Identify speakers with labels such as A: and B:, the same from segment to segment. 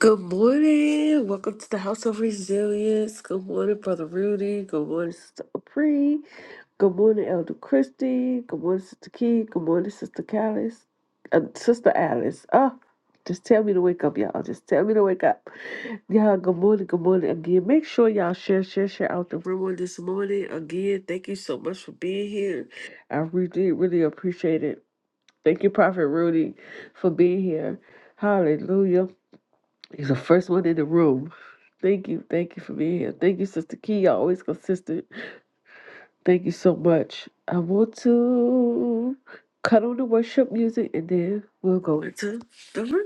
A: Good morning. Welcome to the House of Resilience. Good morning, Brother Rudy. Good morning, Sister Apri. Good morning, Elder Christie. Good morning, Sister Key. Good morning, Sister Callis. Uh, Sister Alice. Oh, just tell me to wake up, y'all. Just tell me to wake up. Y'all, good morning. Good morning again. Make sure y'all share, share, share out the room on this morning. Again, thank you so much for being here. I really, really appreciate it. Thank you, Prophet Rudy, for being here. Hallelujah. He's the first one in the room. Thank you. Thank you for being here. Thank you, Sister Key. You're always consistent. Thank you so much. I want to cut on the worship music and then we'll go into the room.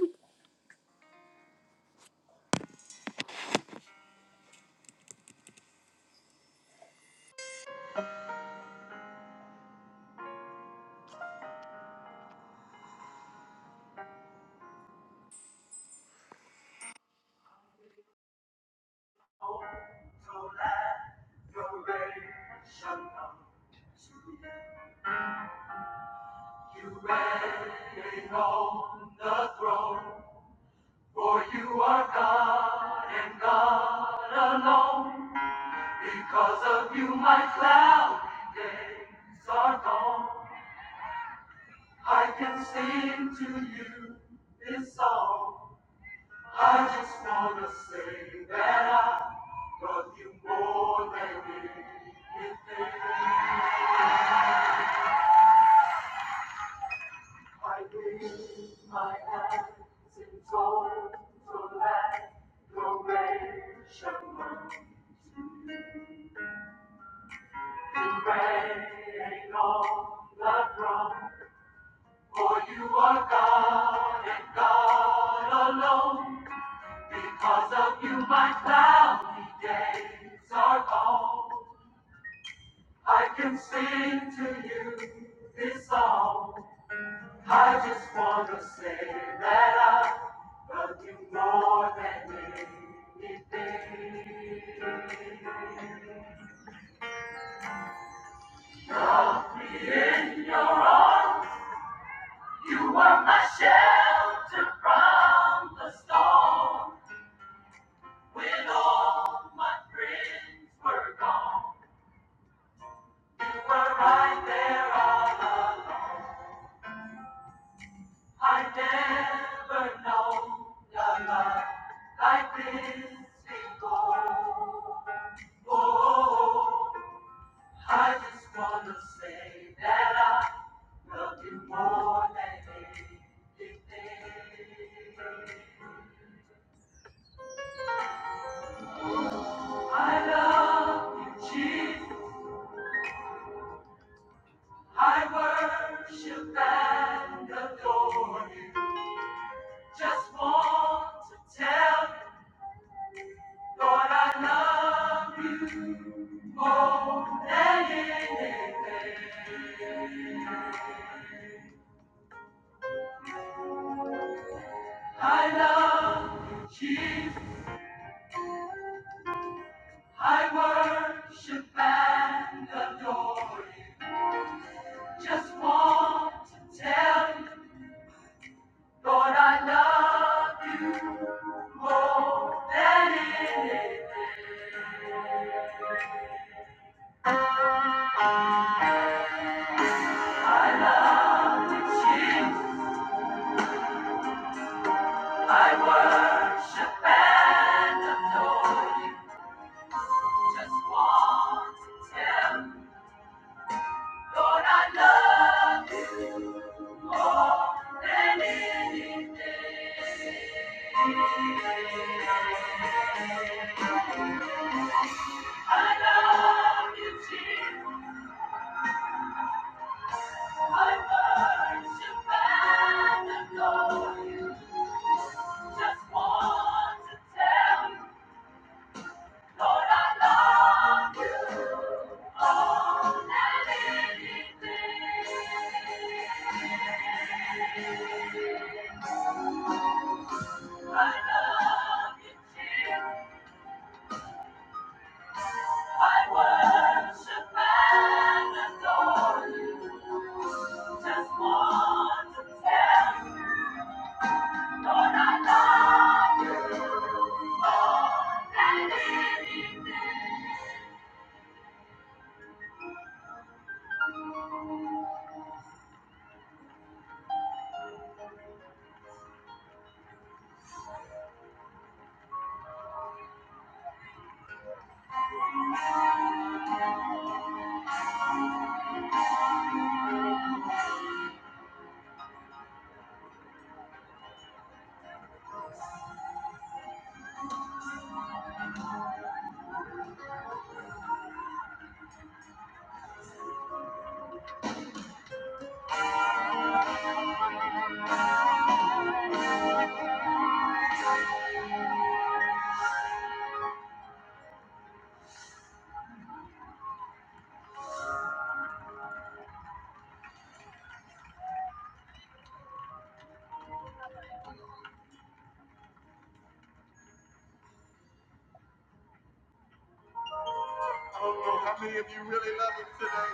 A: I don't know how many of you really love him today,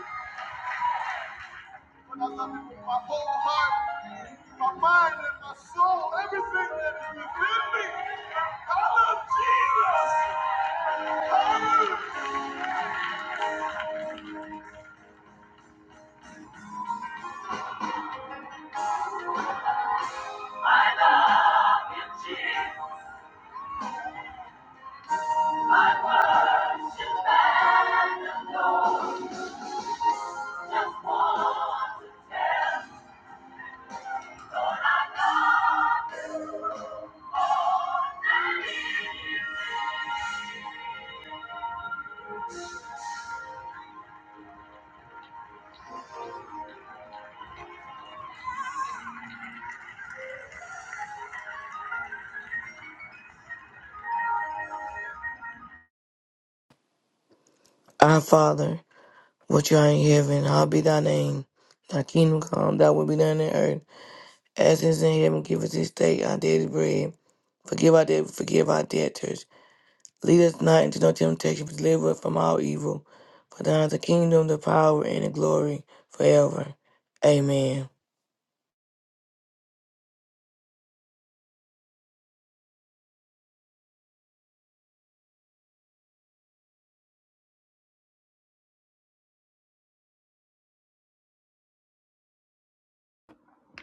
A: but I love him with my whole heart, my mind, and my soul, everything that is within me. I love Jesus.
B: Our Father, which art in heaven, hallowed be thy name. Thy kingdom come, thy will be done on earth. As it is in heaven, give us this day our daily bread. Forgive our debt, forgive our debtors. Lead us not into no temptation, but deliver us from all evil. For thine is the kingdom, the power, and the glory forever. Amen.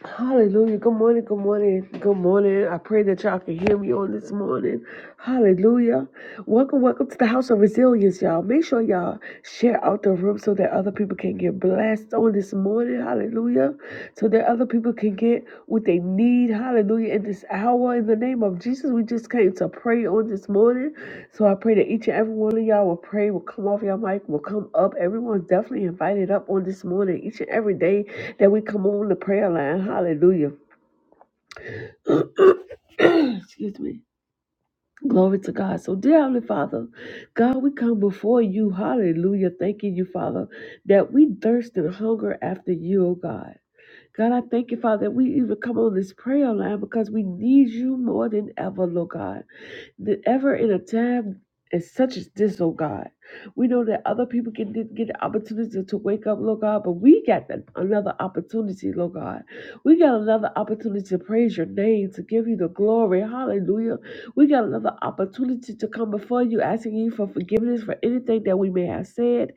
A: Hallelujah. Good morning. Good morning. Good morning. I pray that y'all can hear me on this morning. Hallelujah. Welcome, welcome to the house of resilience, y'all. Make sure y'all share out the room so that other people can get blessed on this morning. Hallelujah. So that other people can get what they need. Hallelujah. In this hour, in the name of Jesus, we just came to pray on this morning. So I pray that each and every one of y'all will pray, will come off your mic, will come up. Everyone's definitely invited up on this morning, each and every day that we come on the prayer line. Hallelujah. Excuse me. Glory to God. So, dear Heavenly Father, God, we come before you. Hallelujah. Thanking you, Father, that we thirst and hunger after you, oh God. God, I thank you, Father, that we even come on this prayer line because we need you more than ever, Lord God that ever in a time as such as this, oh God. We know that other people can didn't get the opportunity to wake up, Lord God, but we got that another opportunity, Lord God. We got another opportunity to praise your name, to give you the glory. Hallelujah. We got another opportunity to come before you, asking you for forgiveness for anything that we may have said,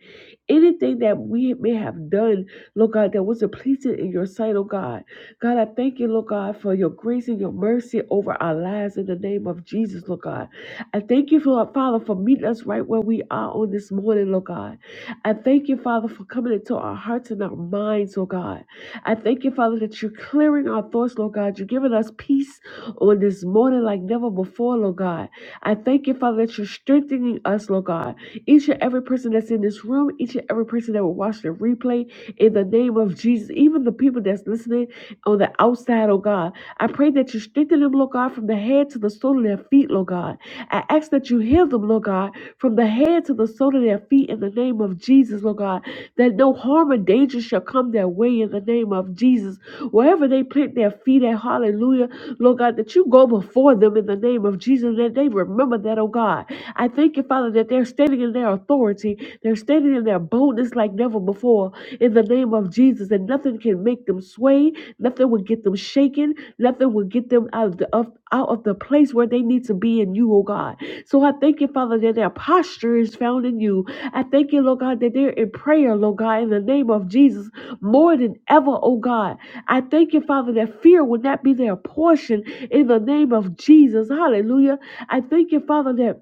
A: anything that we may have done, Lord God, that wasn't pleasing in your sight, oh God. God, I thank you, Lord God, for your grace and your mercy over our lives in the name of Jesus, Lord God. I thank you, for, Father, for meeting us right where we are on this morning, Lord God. I thank you, Father, for coming into our hearts and our minds, Lord God. I thank you, Father, that you're clearing our thoughts, Lord God. You're giving us peace on this morning like never before, Lord God. I thank you, Father, that you're strengthening us, Lord God. Each and every person that's in this room, each and every person that will watch the replay, in the name of Jesus, even the people that's listening on the outside, oh God. I pray that you strengthen them, Lord God, from the head to the sole of their feet, Lord God. I ask that you heal them, Lord God, from the head to the sole of their their feet in the name of Jesus, Lord God, that no harm and danger shall come their way in the name of Jesus. Wherever they plant their feet at, hallelujah, Lord God, that you go before them in the name of Jesus, that they remember that, oh God. I thank you, Father, that they're standing in their authority, they're standing in their boldness like never before in the name of Jesus, and nothing can make them sway, nothing will get them shaken, nothing will get them out of the, up out of the place where they need to be in you, oh God. So I thank you, Father, that their posture is found in you. I thank you, Lord God, that they're in prayer, Lord God, in the name of Jesus, more than ever, oh God. I thank you, Father, that fear will not be their portion in the name of Jesus. Hallelujah. I thank you, Father, that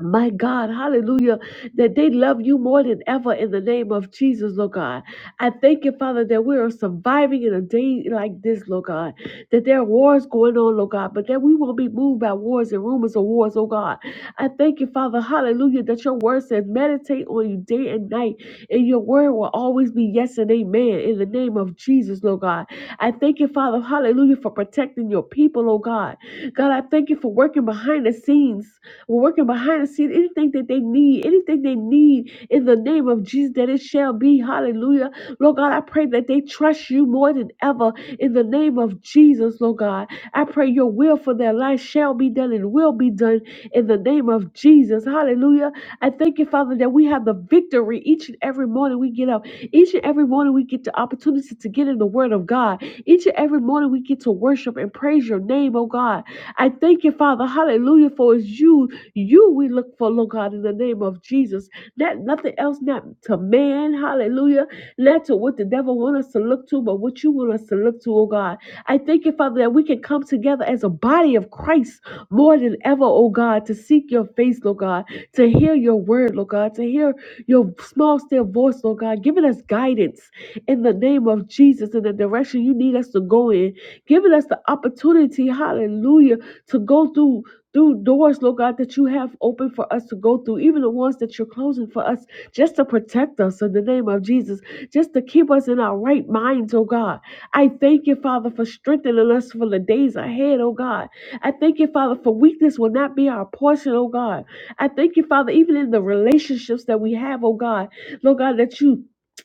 A: my God, hallelujah, that they love you more than ever in the name of Jesus, Lord God. I thank you, Father, that we are surviving in a day like this, Lord God, that there are wars going on, Lord God, but that we won't be moved by wars and rumors of wars, oh God. I thank you, Father, hallelujah, that your word says, meditate on you day and night, and your word will always be yes and amen in the name of Jesus, Lord God. I thank you, Father, hallelujah, for protecting your people, oh God. God. God, I thank you for working behind the scenes, working behind the scenes, anything that they need, anything they need in the name of Jesus, that it shall be. Hallelujah. Lord God, I pray that they trust you more than ever in the name of Jesus, Lord God. I pray your will for their life shall be done and will be done in the name of Jesus. Hallelujah. I thank you, Father, that we have the victory each and every morning we get up. Each and every morning we get the opportunity to get in the word word of God. Each and every morning we get to worship and praise your name, oh God. I thank you, Father. Hallelujah. For it's you, you we look for, Lord God, in the name of Jesus. Not nothing else, not to man, hallelujah. Not to what the devil want us to look to, but what you want us to look to, oh God. I thank you, Father, that we can come together as a body of Christ more than ever, oh God, to seek your face, Lord God, to hear your word, Lord God, to hear your small still lost their voice, Lord God, giving us guidance in the name of Jesus in the direction you need us to go in, giving us the opportunity, hallelujah, to go through. Through doors, Lord God, that you have opened for us to go through, even the ones that you're closing for us, just to protect us in the name of Jesus, just to keep us in our right minds, oh God. I thank you, Father, for strengthening us for the days ahead, oh God. I thank you, Father, for weakness will not be our portion, oh God. I thank you, Father, even in the relationships that we have, oh God. Lord God, that you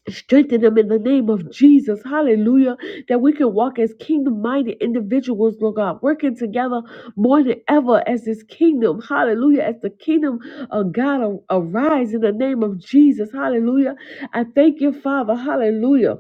A: strengthen them in the name of Jesus. Hallelujah. That we can walk as kingdom minded individuals, Lord God, working together more than ever as this kingdom. Hallelujah. As the kingdom of God ar- arise in the name of Jesus. Hallelujah. I thank you, Father. Hallelujah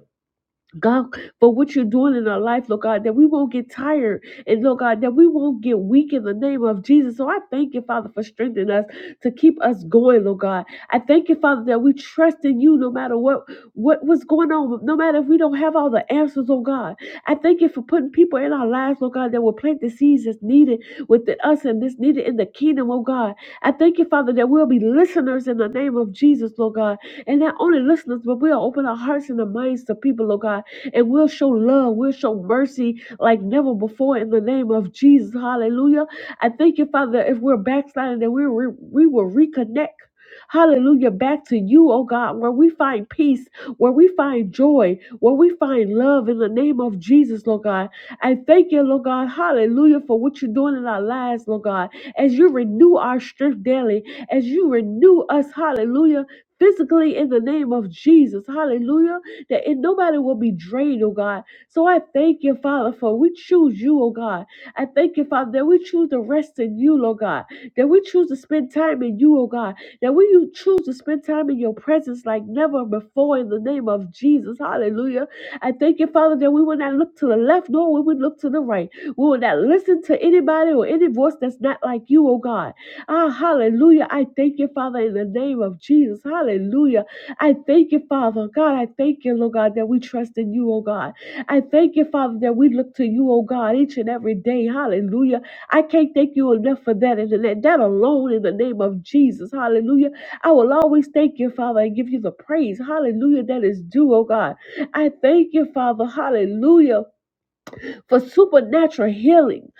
A: God, for what you're doing in our life, Lord God, that we won't get tired and Lord God, that we won't get weak in the name of Jesus. So I thank you, Father, for strengthening us to keep us going, Lord God. I thank you, Father, that we trust in you no matter what what was going on, no matter if we don't have all the answers, oh God. I thank you for putting people in our lives, Lord God, that will plant the seeds that's needed within us and that's needed in the kingdom, oh God. I thank you, Father, that we'll be listeners in the name of Jesus, Lord God. And not only listeners, but we'll open our hearts and our minds to people, Lord God and we'll show love, we'll show mercy like never before in the name of Jesus. Hallelujah. I thank you, Father, if we're backsliding, that we, re- we will reconnect. Hallelujah, back to you, oh God, where we find peace, where we find joy, where we find love in the name of Jesus, Lord God. I thank you, Lord God, hallelujah, for what you're doing in our lives, Lord God, as you renew our strength daily, as you renew us, hallelujah, physically in the name of Jesus, hallelujah that it, nobody will be drained, oh God. So I thank you, Father, for we choose you, oh God. I thank you, Father, that we choose to rest in you, Lord God. That we choose to spend time in you, oh God. That we you choose to spend time in your presence like never before in the name of Jesus. Hallelujah. I thank you, Father, that we will not look to the left nor we would look to the right. We will not listen to anybody or any voice that's not like you, oh God. Ah, hallelujah. I thank you, Father, in the name of Jesus. Hallelujah. I thank you, Father. God, I thank you, Lord God, that we trust in you, oh God. I thank you, Father, that we look to you, oh God, each and every day. Hallelujah. I can't thank you enough for that and that, that alone in the name of Jesus. Hallelujah. I will always thank you, Father, and give you the praise. Hallelujah. That is due, oh God. I thank you, Father. Hallelujah for supernatural healing,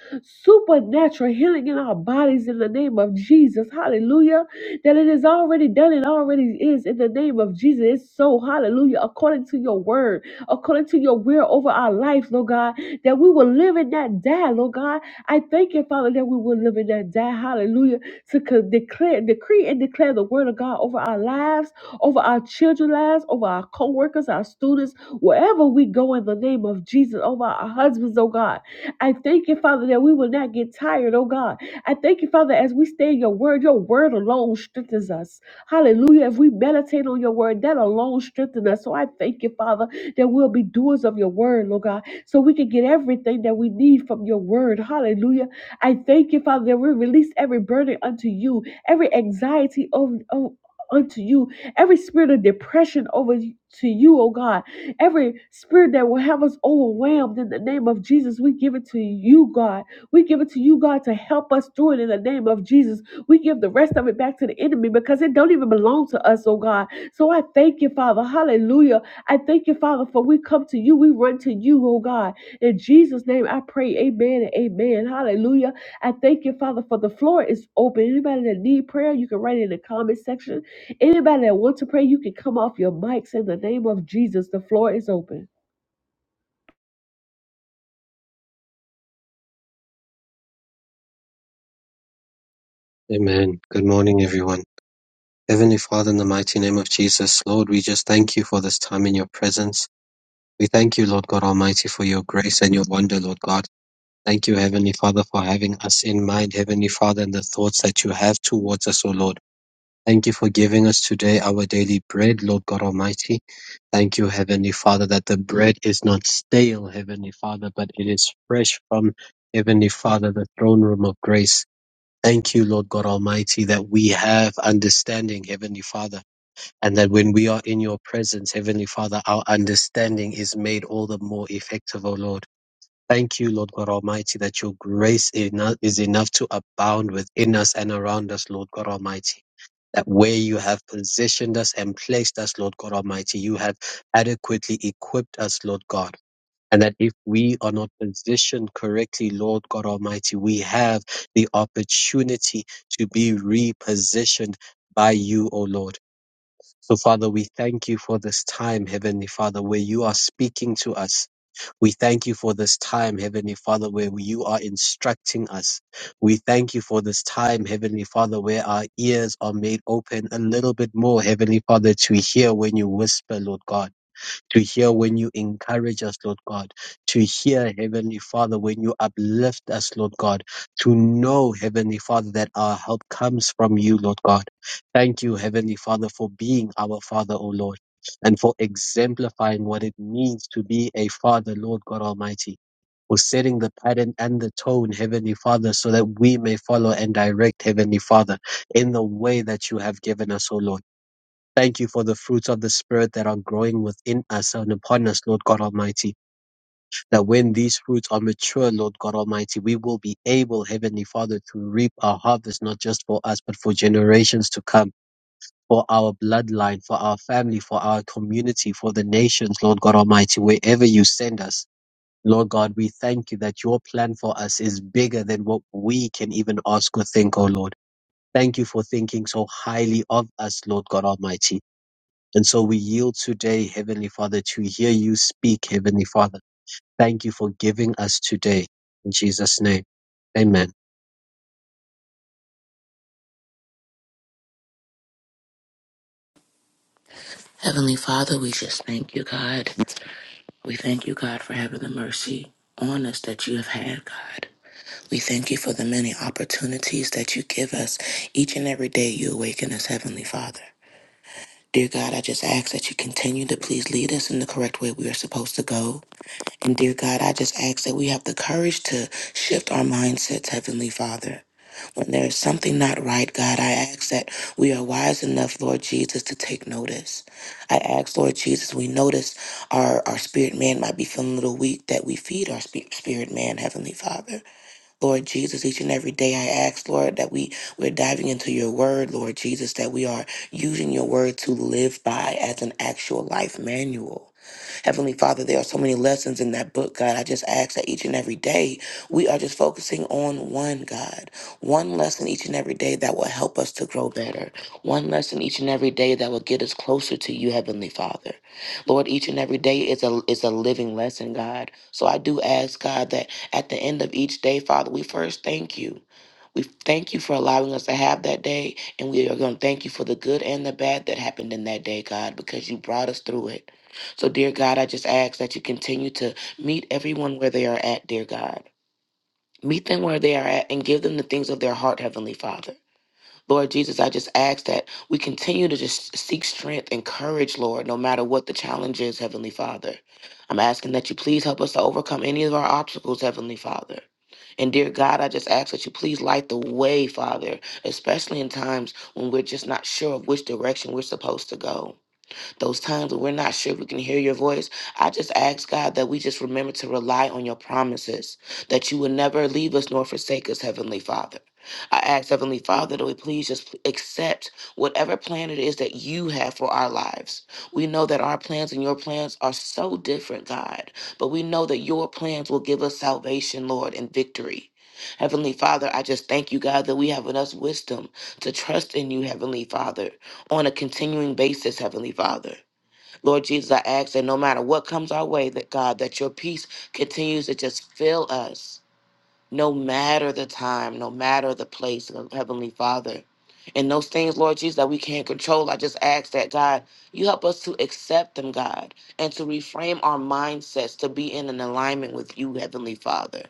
A: supernatural healing in our bodies in the name of Jesus. Hallelujah. That it is already done, it already is in the name of Jesus. It's so, hallelujah, according to your word, according to your will over our life, Lord God, that we will live and not die, Lord God God. I thank you, Father, that we will live and that die. Hallelujah. To co- declare, decree, and declare the word of God over our lives, over our children's lives, over our co-workers, our students, wherever we go in the name of Jesus, over our husbands, oh God. I thank you, Father, that we will not get tired, oh God. I thank you, Father, as we stay in your word, your word alone strengthens us. Hallelujah. If we meditate on your word, that alone strengthens us. So I thank you, Father, that we'll be doers of your word, Lord God so we can get everything that we need from your word. Hallelujah. I thank you, Father, that we release every burden unto you, every anxiety over. o- Unto you, every spirit of depression over to you, oh God, every spirit that will have us overwhelmed in the name of Jesus, we give it to you, God. We give it to you, God, to help us through it in the name of Jesus. We give the rest of it back to the enemy because it don't even belong to us, oh God. So I thank you, Father, hallelujah, I thank you, Father, for we come to you, we run to you, oh God. In Jesus' name, I pray, amen and amen. Hallelujah. I thank you, Father, for the floor is open. Anybody that need prayer, you can write in the comment section. Anybody that want to pray, you can come off your mics in the name of Jesus. The floor is open.
C: Amen. Good morning, everyone. Heavenly Father, in the mighty name of Jesus, Lord, we just thank you for this time in your presence. We thank you, Lord God Almighty, for your grace and your wonder, Lord God. Thank you, Heavenly Father, for having us in mind, Heavenly Father, and the thoughts that you have towards us, O Lord. Thank you for giving us today our daily bread, Lord God Almighty. Thank you, Heavenly Father, that the bread is not stale, Heavenly Father, but it is fresh from Heavenly Father, the throne room of grace. Thank you, Lord God Almighty, that we have understanding, Heavenly Father, and that when we are in your presence, Heavenly Father, our understanding is made all the more effective, O Lord. Thank you, Lord God Almighty, that your grace eno- is enough to abound within us and around us, Lord God Almighty. That where you have positioned us and placed us, Lord God Almighty, you have adequately equipped us, Lord God and that if we are not positioned correctly, Lord God Almighty, we have the opportunity to be repositioned by you, O Lord. So, Father, we thank you for this time, Heavenly Father, where you are speaking to us. We thank you for this time, Heavenly Father, where you are instructing us. We thank you for this time, Heavenly Father, where our ears are made open a little bit more, Heavenly Father, to hear when you whisper, Lord God to hear when you encourage us, Lord God, to hear, Heavenly Father, when you uplift us, Lord God, to know, Heavenly Father, that our help comes from you, Lord God. Thank you, Heavenly Father, for being our Father, O Lord, and for exemplifying what it means to be a Father, Lord God Almighty. For setting the pattern and the tone, Heavenly Father, so that we may follow and direct, Heavenly Father, in the way that you have given us, O Lord. Thank you for the fruits of the Spirit that are growing within us and upon us, Lord God Almighty. That when these fruits are mature, Lord God Almighty, we will be able, Heavenly Father, to reap a harvest, not just for us, but for generations to come, for our bloodline, for our family, for our community, for the nations, Lord God Almighty, wherever you send us. Lord God, we thank you that your plan for us is bigger than what we can even ask or think, O Lord. Thank you for thinking so highly of us, Lord God Almighty. And so we yield today, Heavenly Father, to hear you speak, Heavenly Father. Thank you for giving us today. In Jesus' name, amen.
D: Heavenly Father, we just thank you, God. We thank you, God, for having the mercy on us that you have had, God. We thank you for the many opportunities that you give us each and every day you awaken us, Heavenly Father. Dear God, I just ask that you continue to please lead us in the correct way we are supposed to go. And dear God, I just ask that we have the courage to shift our mindsets, Heavenly Father. When there is something not right, God, I ask that we are wise enough, Lord Jesus, to take notice. I ask, Lord Jesus, we notice our, our spirit man might be feeling a little weak, that we feed our spi- spirit man, Heavenly Father. Lord Jesus, each and every day I ask, Lord, that we, we're diving into your word, Lord Jesus, that we are using your word to live by as an actual life manual. Heavenly Father, there are so many lessons in that book, God. I just ask that each and every day we are just focusing on one, God. One lesson each and every day that will help us to grow better. One lesson each and every day that will get us closer to you, Heavenly Father. Lord, each and every day is a is a living lesson, God. So I do ask, God, that at the end of each day, Father, we first thank you. We thank you for allowing us to have that day, and we are going to thank you for the good and the bad that happened in that day, God, because you brought us through it. So, dear God, I just ask that you continue to meet everyone where they are at, dear God. Meet them where they are at and give them the things of their heart, Heavenly Father. Lord Jesus, I just ask that we continue to just seek strength and courage, Lord, no matter what the challenge is, Heavenly Father. I'm asking that you please help us to overcome any of our obstacles, Heavenly Father. And dear God, I just ask that you please light the way, Father, especially in times when we're just not sure of which direction we're supposed to go those times when we're not sure if we can hear your voice. I just ask God that we just remember to rely on your promises, that you will never leave us nor forsake us, Heavenly Father. I ask Heavenly Father that we please just accept whatever plan it is that you have for our lives. We know that our plans and your plans are so different, God, but we know that your plans will give us salvation, Lord, and victory. Heavenly Father, I just thank you, God, that we have enough wisdom to trust in you, Heavenly Father, on a continuing basis, Heavenly Father. Lord Jesus, I ask that no matter what comes our way, that God, that your peace continues to just fill us, no matter the time, no matter the place, Heavenly Father. And those things, Lord Jesus, that we can't control, I just ask that, God, you help us to accept them, God, and to reframe our mindsets to be in an alignment with you, Heavenly Father.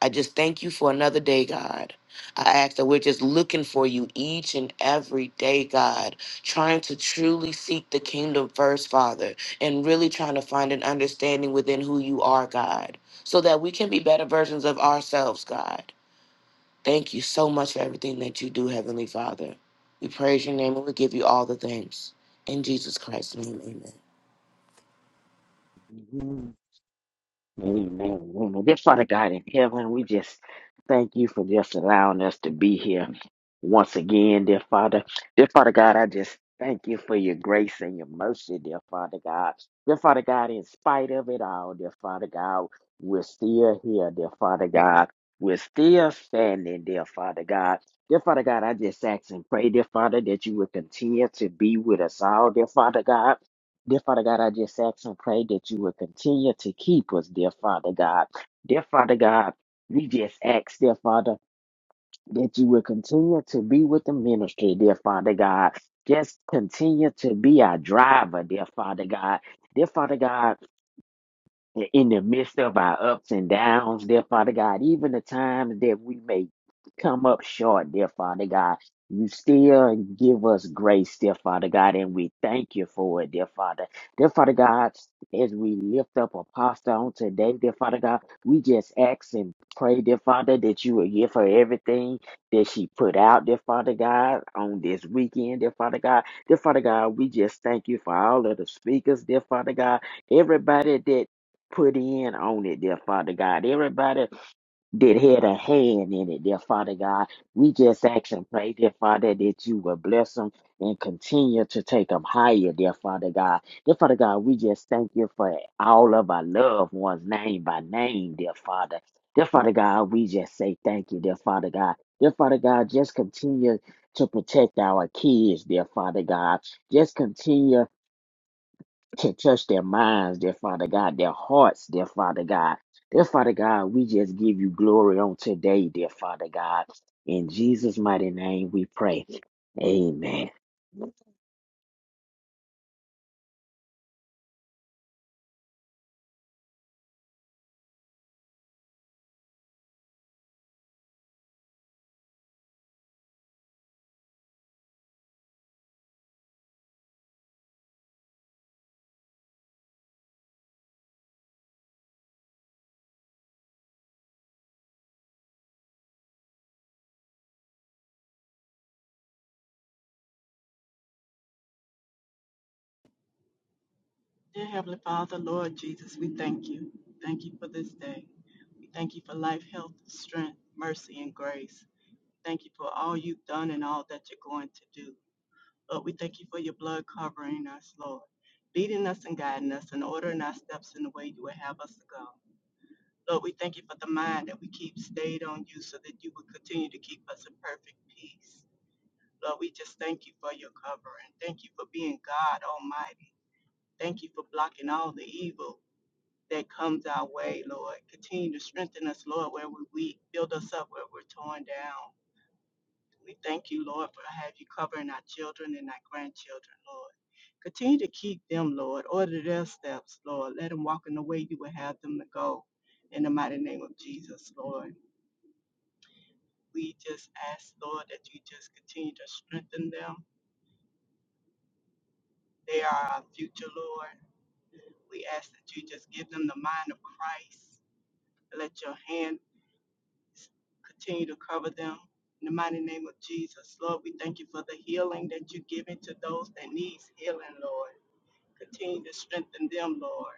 D: I just thank you for another day, God. I ask that we're just looking for you each and every day, God, trying to truly seek the kingdom first, Father, and really trying to find an understanding within who you are, God, so that we can be better versions of ourselves, God. Thank you so much for everything that you do, Heavenly Father. We praise your name and we give you all the thanks. In Jesus Christ's name, amen.
E: Mm-hmm. Amen. Amen. Dear Father God in heaven, we just thank you for just allowing us to be here once again, dear Father. Dear Father God, I just thank you for your grace and your mercy, dear Father God. Dear Father God, in spite of it all, dear Father God, we're still here, dear Father God. We're still standing, dear Father God. Dear Father God, I just ask and pray, dear Father, that you would continue to be with us all, dear Father God. Dear Father God, I just ask and pray that you will continue to keep us, dear Father God. Dear Father God, we just ask, dear Father, that you will continue to be with the ministry, dear Father God. Just continue to be our driver, dear Father God. Dear Father God, and in the midst of our ups and downs, dear Father God, even the times that we may come up short, dear Father God, you still give us grace, dear Father God, and we thank you for it, dear Father. Dear Father God, as we lift up Apostle on today, dear Father God, we just ask and pray, dear Father, that you will give her everything that she put out, dear Father God, on this weekend, dear Father God. Dear Father God, we just thank you for all of the speakers, dear Father God everybody that put in on it, dear Father God. Everybody that had a hand in it, dear Father God. We just ask and pray, dear Father, that you will bless them and continue to take them higher, dear Father God. Dear Father God, we just thank you for all of our loved ones, name by name, dear Father. Dear Father God, we just say thank you, dear Father God. Dear Father God, just continue to protect our kids, dear Father God. Just continue can touch their minds, dear Father God, their hearts, dear Father God. Dear Father God, we just give you glory on today, dear Father God. In Jesus' mighty name we pray. Amen.
F: Dear Heavenly Father, Lord Jesus, we thank you. Thank you for this day. We thank you for life, health, strength, mercy, and grace. Thank you for all you've done and all that you're going to do. Lord, we thank you for your blood covering us, Lord, leading us and guiding us and ordering our steps in the way you would have us to go. Lord, we thank you for the mind that we keep stayed on you so that you would continue to keep us in perfect peace. Lord, we just thank you for your covering. Thank you for being God Almighty. Thank you for blocking all the evil that comes our way, Lord. Continue to strengthen us, Lord, where we're weak. Build us up where we're torn down. We thank you, Lord, for have you covering our children and our grandchildren, Lord. Continue to keep them, Lord. Order their steps, Lord. Let them walk in the way you would have them to go. In the mighty name of Jesus, Lord. We just ask, Lord, that you just continue to strengthen them. They are our future, Lord. We ask that you just give them the mind of Christ. Let your hand continue to cover them. In the mighty name of Jesus, Lord, we thank you for the healing that you're giving to those that needs healing, Lord. Continue to strengthen them, Lord.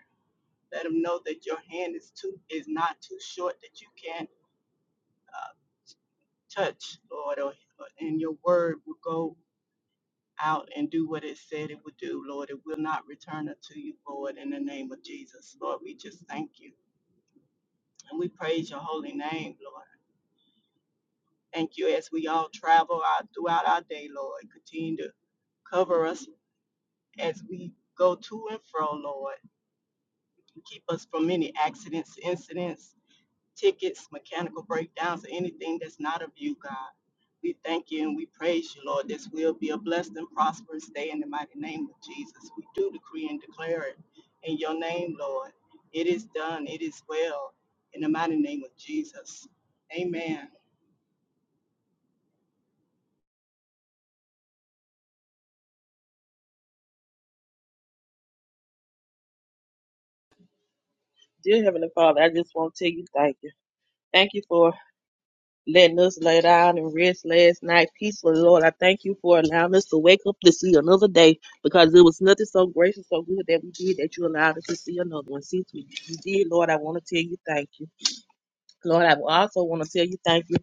F: Let them know that your hand is too is not too short that you can't uh, touch, Lord, or, or- and your word will go out and do what it said it would do, Lord. It will not return unto you, Lord, in the name of Jesus. Lord, we just thank you and we praise your holy name, Lord. Thank you as we all travel out throughout our day, Lord. Continue to cover us as we go to and fro, Lord. Keep us from any accidents, incidents, tickets, mechanical breakdowns, or anything that's not of you, God. We thank you and we praise you, Lord. This will be a blessed and prosperous day in the mighty name of Jesus. We do decree and declare it in your name, Lord. It is done, it is well in the mighty name of Jesus. Amen.
G: Dear Heavenly Father, I just want to tell you thank you. Thank you for letting us lay down and rest last night peacefully, Lord. I thank you for allowing us to wake up to see another day because it was nothing so gracious, so good that we did that you allowed us to see another one. Since we, we did, Lord, I want to tell you thank you. Lord, I also want to tell you thank you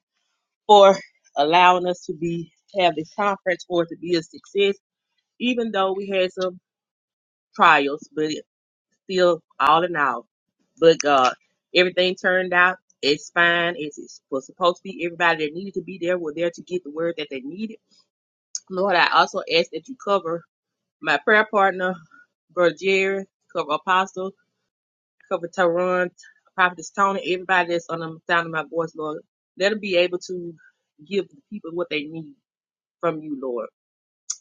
G: for allowing us to be have this conference for it to be a success, even though we had some trials. But still all in all, but God, everything turned out. It's fine. It's, it's was supposed to be everybody that needed to be there were there to get the word that they needed. Lord, I also ask that you cover my prayer partner, Brother Jerry, cover Apostle, cover Tyrone, Prophetess Tony, everybody that's on the sound of my voice, Lord. Let them be able to give the people what they need from you, Lord.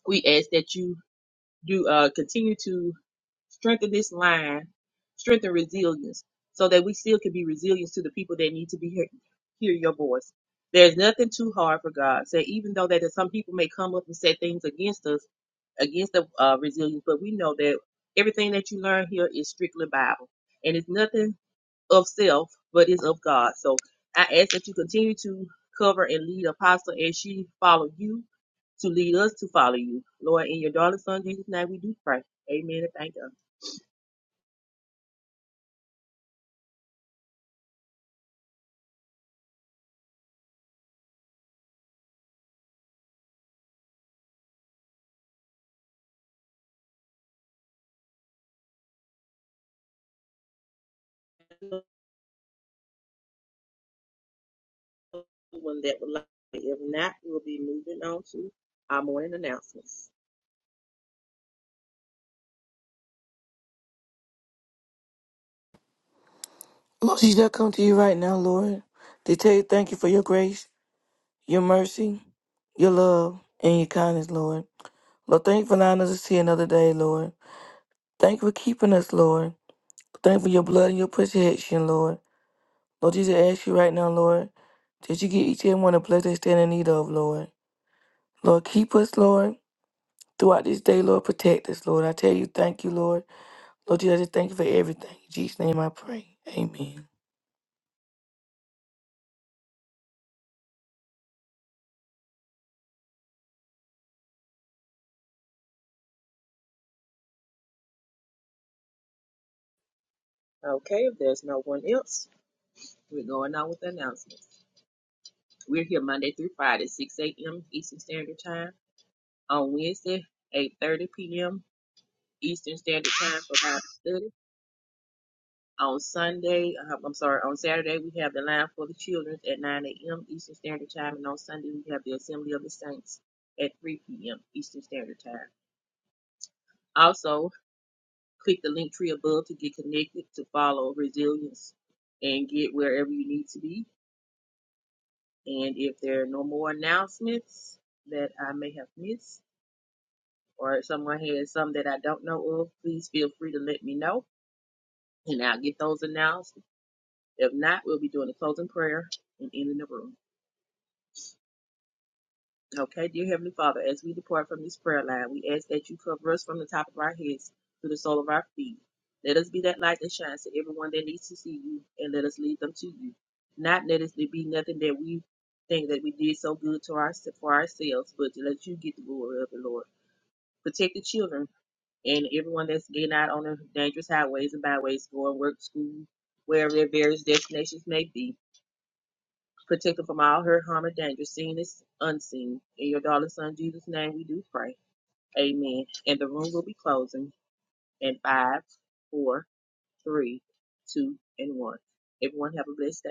G: We ask that you do uh continue to strengthen this line, strengthen resilience, so that we still can be resilient to the people that need to be hear, hear your voice. There's nothing too hard for God. So even though that some people may come up and say things against us, against the uh, resilience, but we know that everything that you learn here is strictly Bible, and it's nothing of self, but it's of God. So I ask that you continue to cover and lead Apostle as she follow you to lead us to follow you. Lord, in your darling son Jesus' name we do pray. Amen and thank God. one that would like. it. If not, we'll be moving on to our morning announcements.
B: Most I come to you right now, Lord, to tell you thank you for your grace, your mercy, your love, and your kindness, Lord. Lord, thank you for allowing us to see another day, Lord. Thank you for keeping us, Lord. Thank for your blood and your protection, Lord. Lord Jesus, I ask you right now, Lord, that you give each and every one the place they stand in need of, Lord. Lord, keep us, Lord, throughout this day, Lord. Protect us, Lord. I tell you, thank you, Lord. Lord Jesus, I just thank you for everything. In Jesus' name I pray. Amen.
G: Okay, if there's no one else, we're going on with the announcements. We're here Monday through Friday, 6 a.m. Eastern Standard Time. On Wednesday, 8:30 p.m. Eastern Standard Time for Bible study. On Sunday, uh, I'm sorry, on Saturday we have the line for the children at 9 a.m. Eastern Standard Time, and on Sunday we have the Assembly of the Saints at 3 p.m. Eastern Standard Time. Also, Click the link tree above to get connected, to follow resilience, and get wherever you need to be. And if there are no more announcements that I may have missed, or if someone has some that I don't know of, please feel free to let me know, and I'll get those announced. If not, we'll be doing a closing prayer and ending the room. Okay, dear Heavenly Father, as we depart from this prayer line, we ask that you cover us from the top of our heads to the sole of our feet. Let us be that light that shines to everyone that needs to see you, and let us lead them to you. Not let us be nothing that we think that we did so good to our, for ourselves, but to let you get the glory of the Lord. Protect the children and everyone that's getting out on the dangerous highways and byways, going to work, school, wherever their various destinations may be. Protect her from all hurt, harm, and danger, seen and unseen. In your darling son Jesus' name, we do pray. Amen. And the room will be closing in five, four, three, two, and one. Everyone have a blessed day.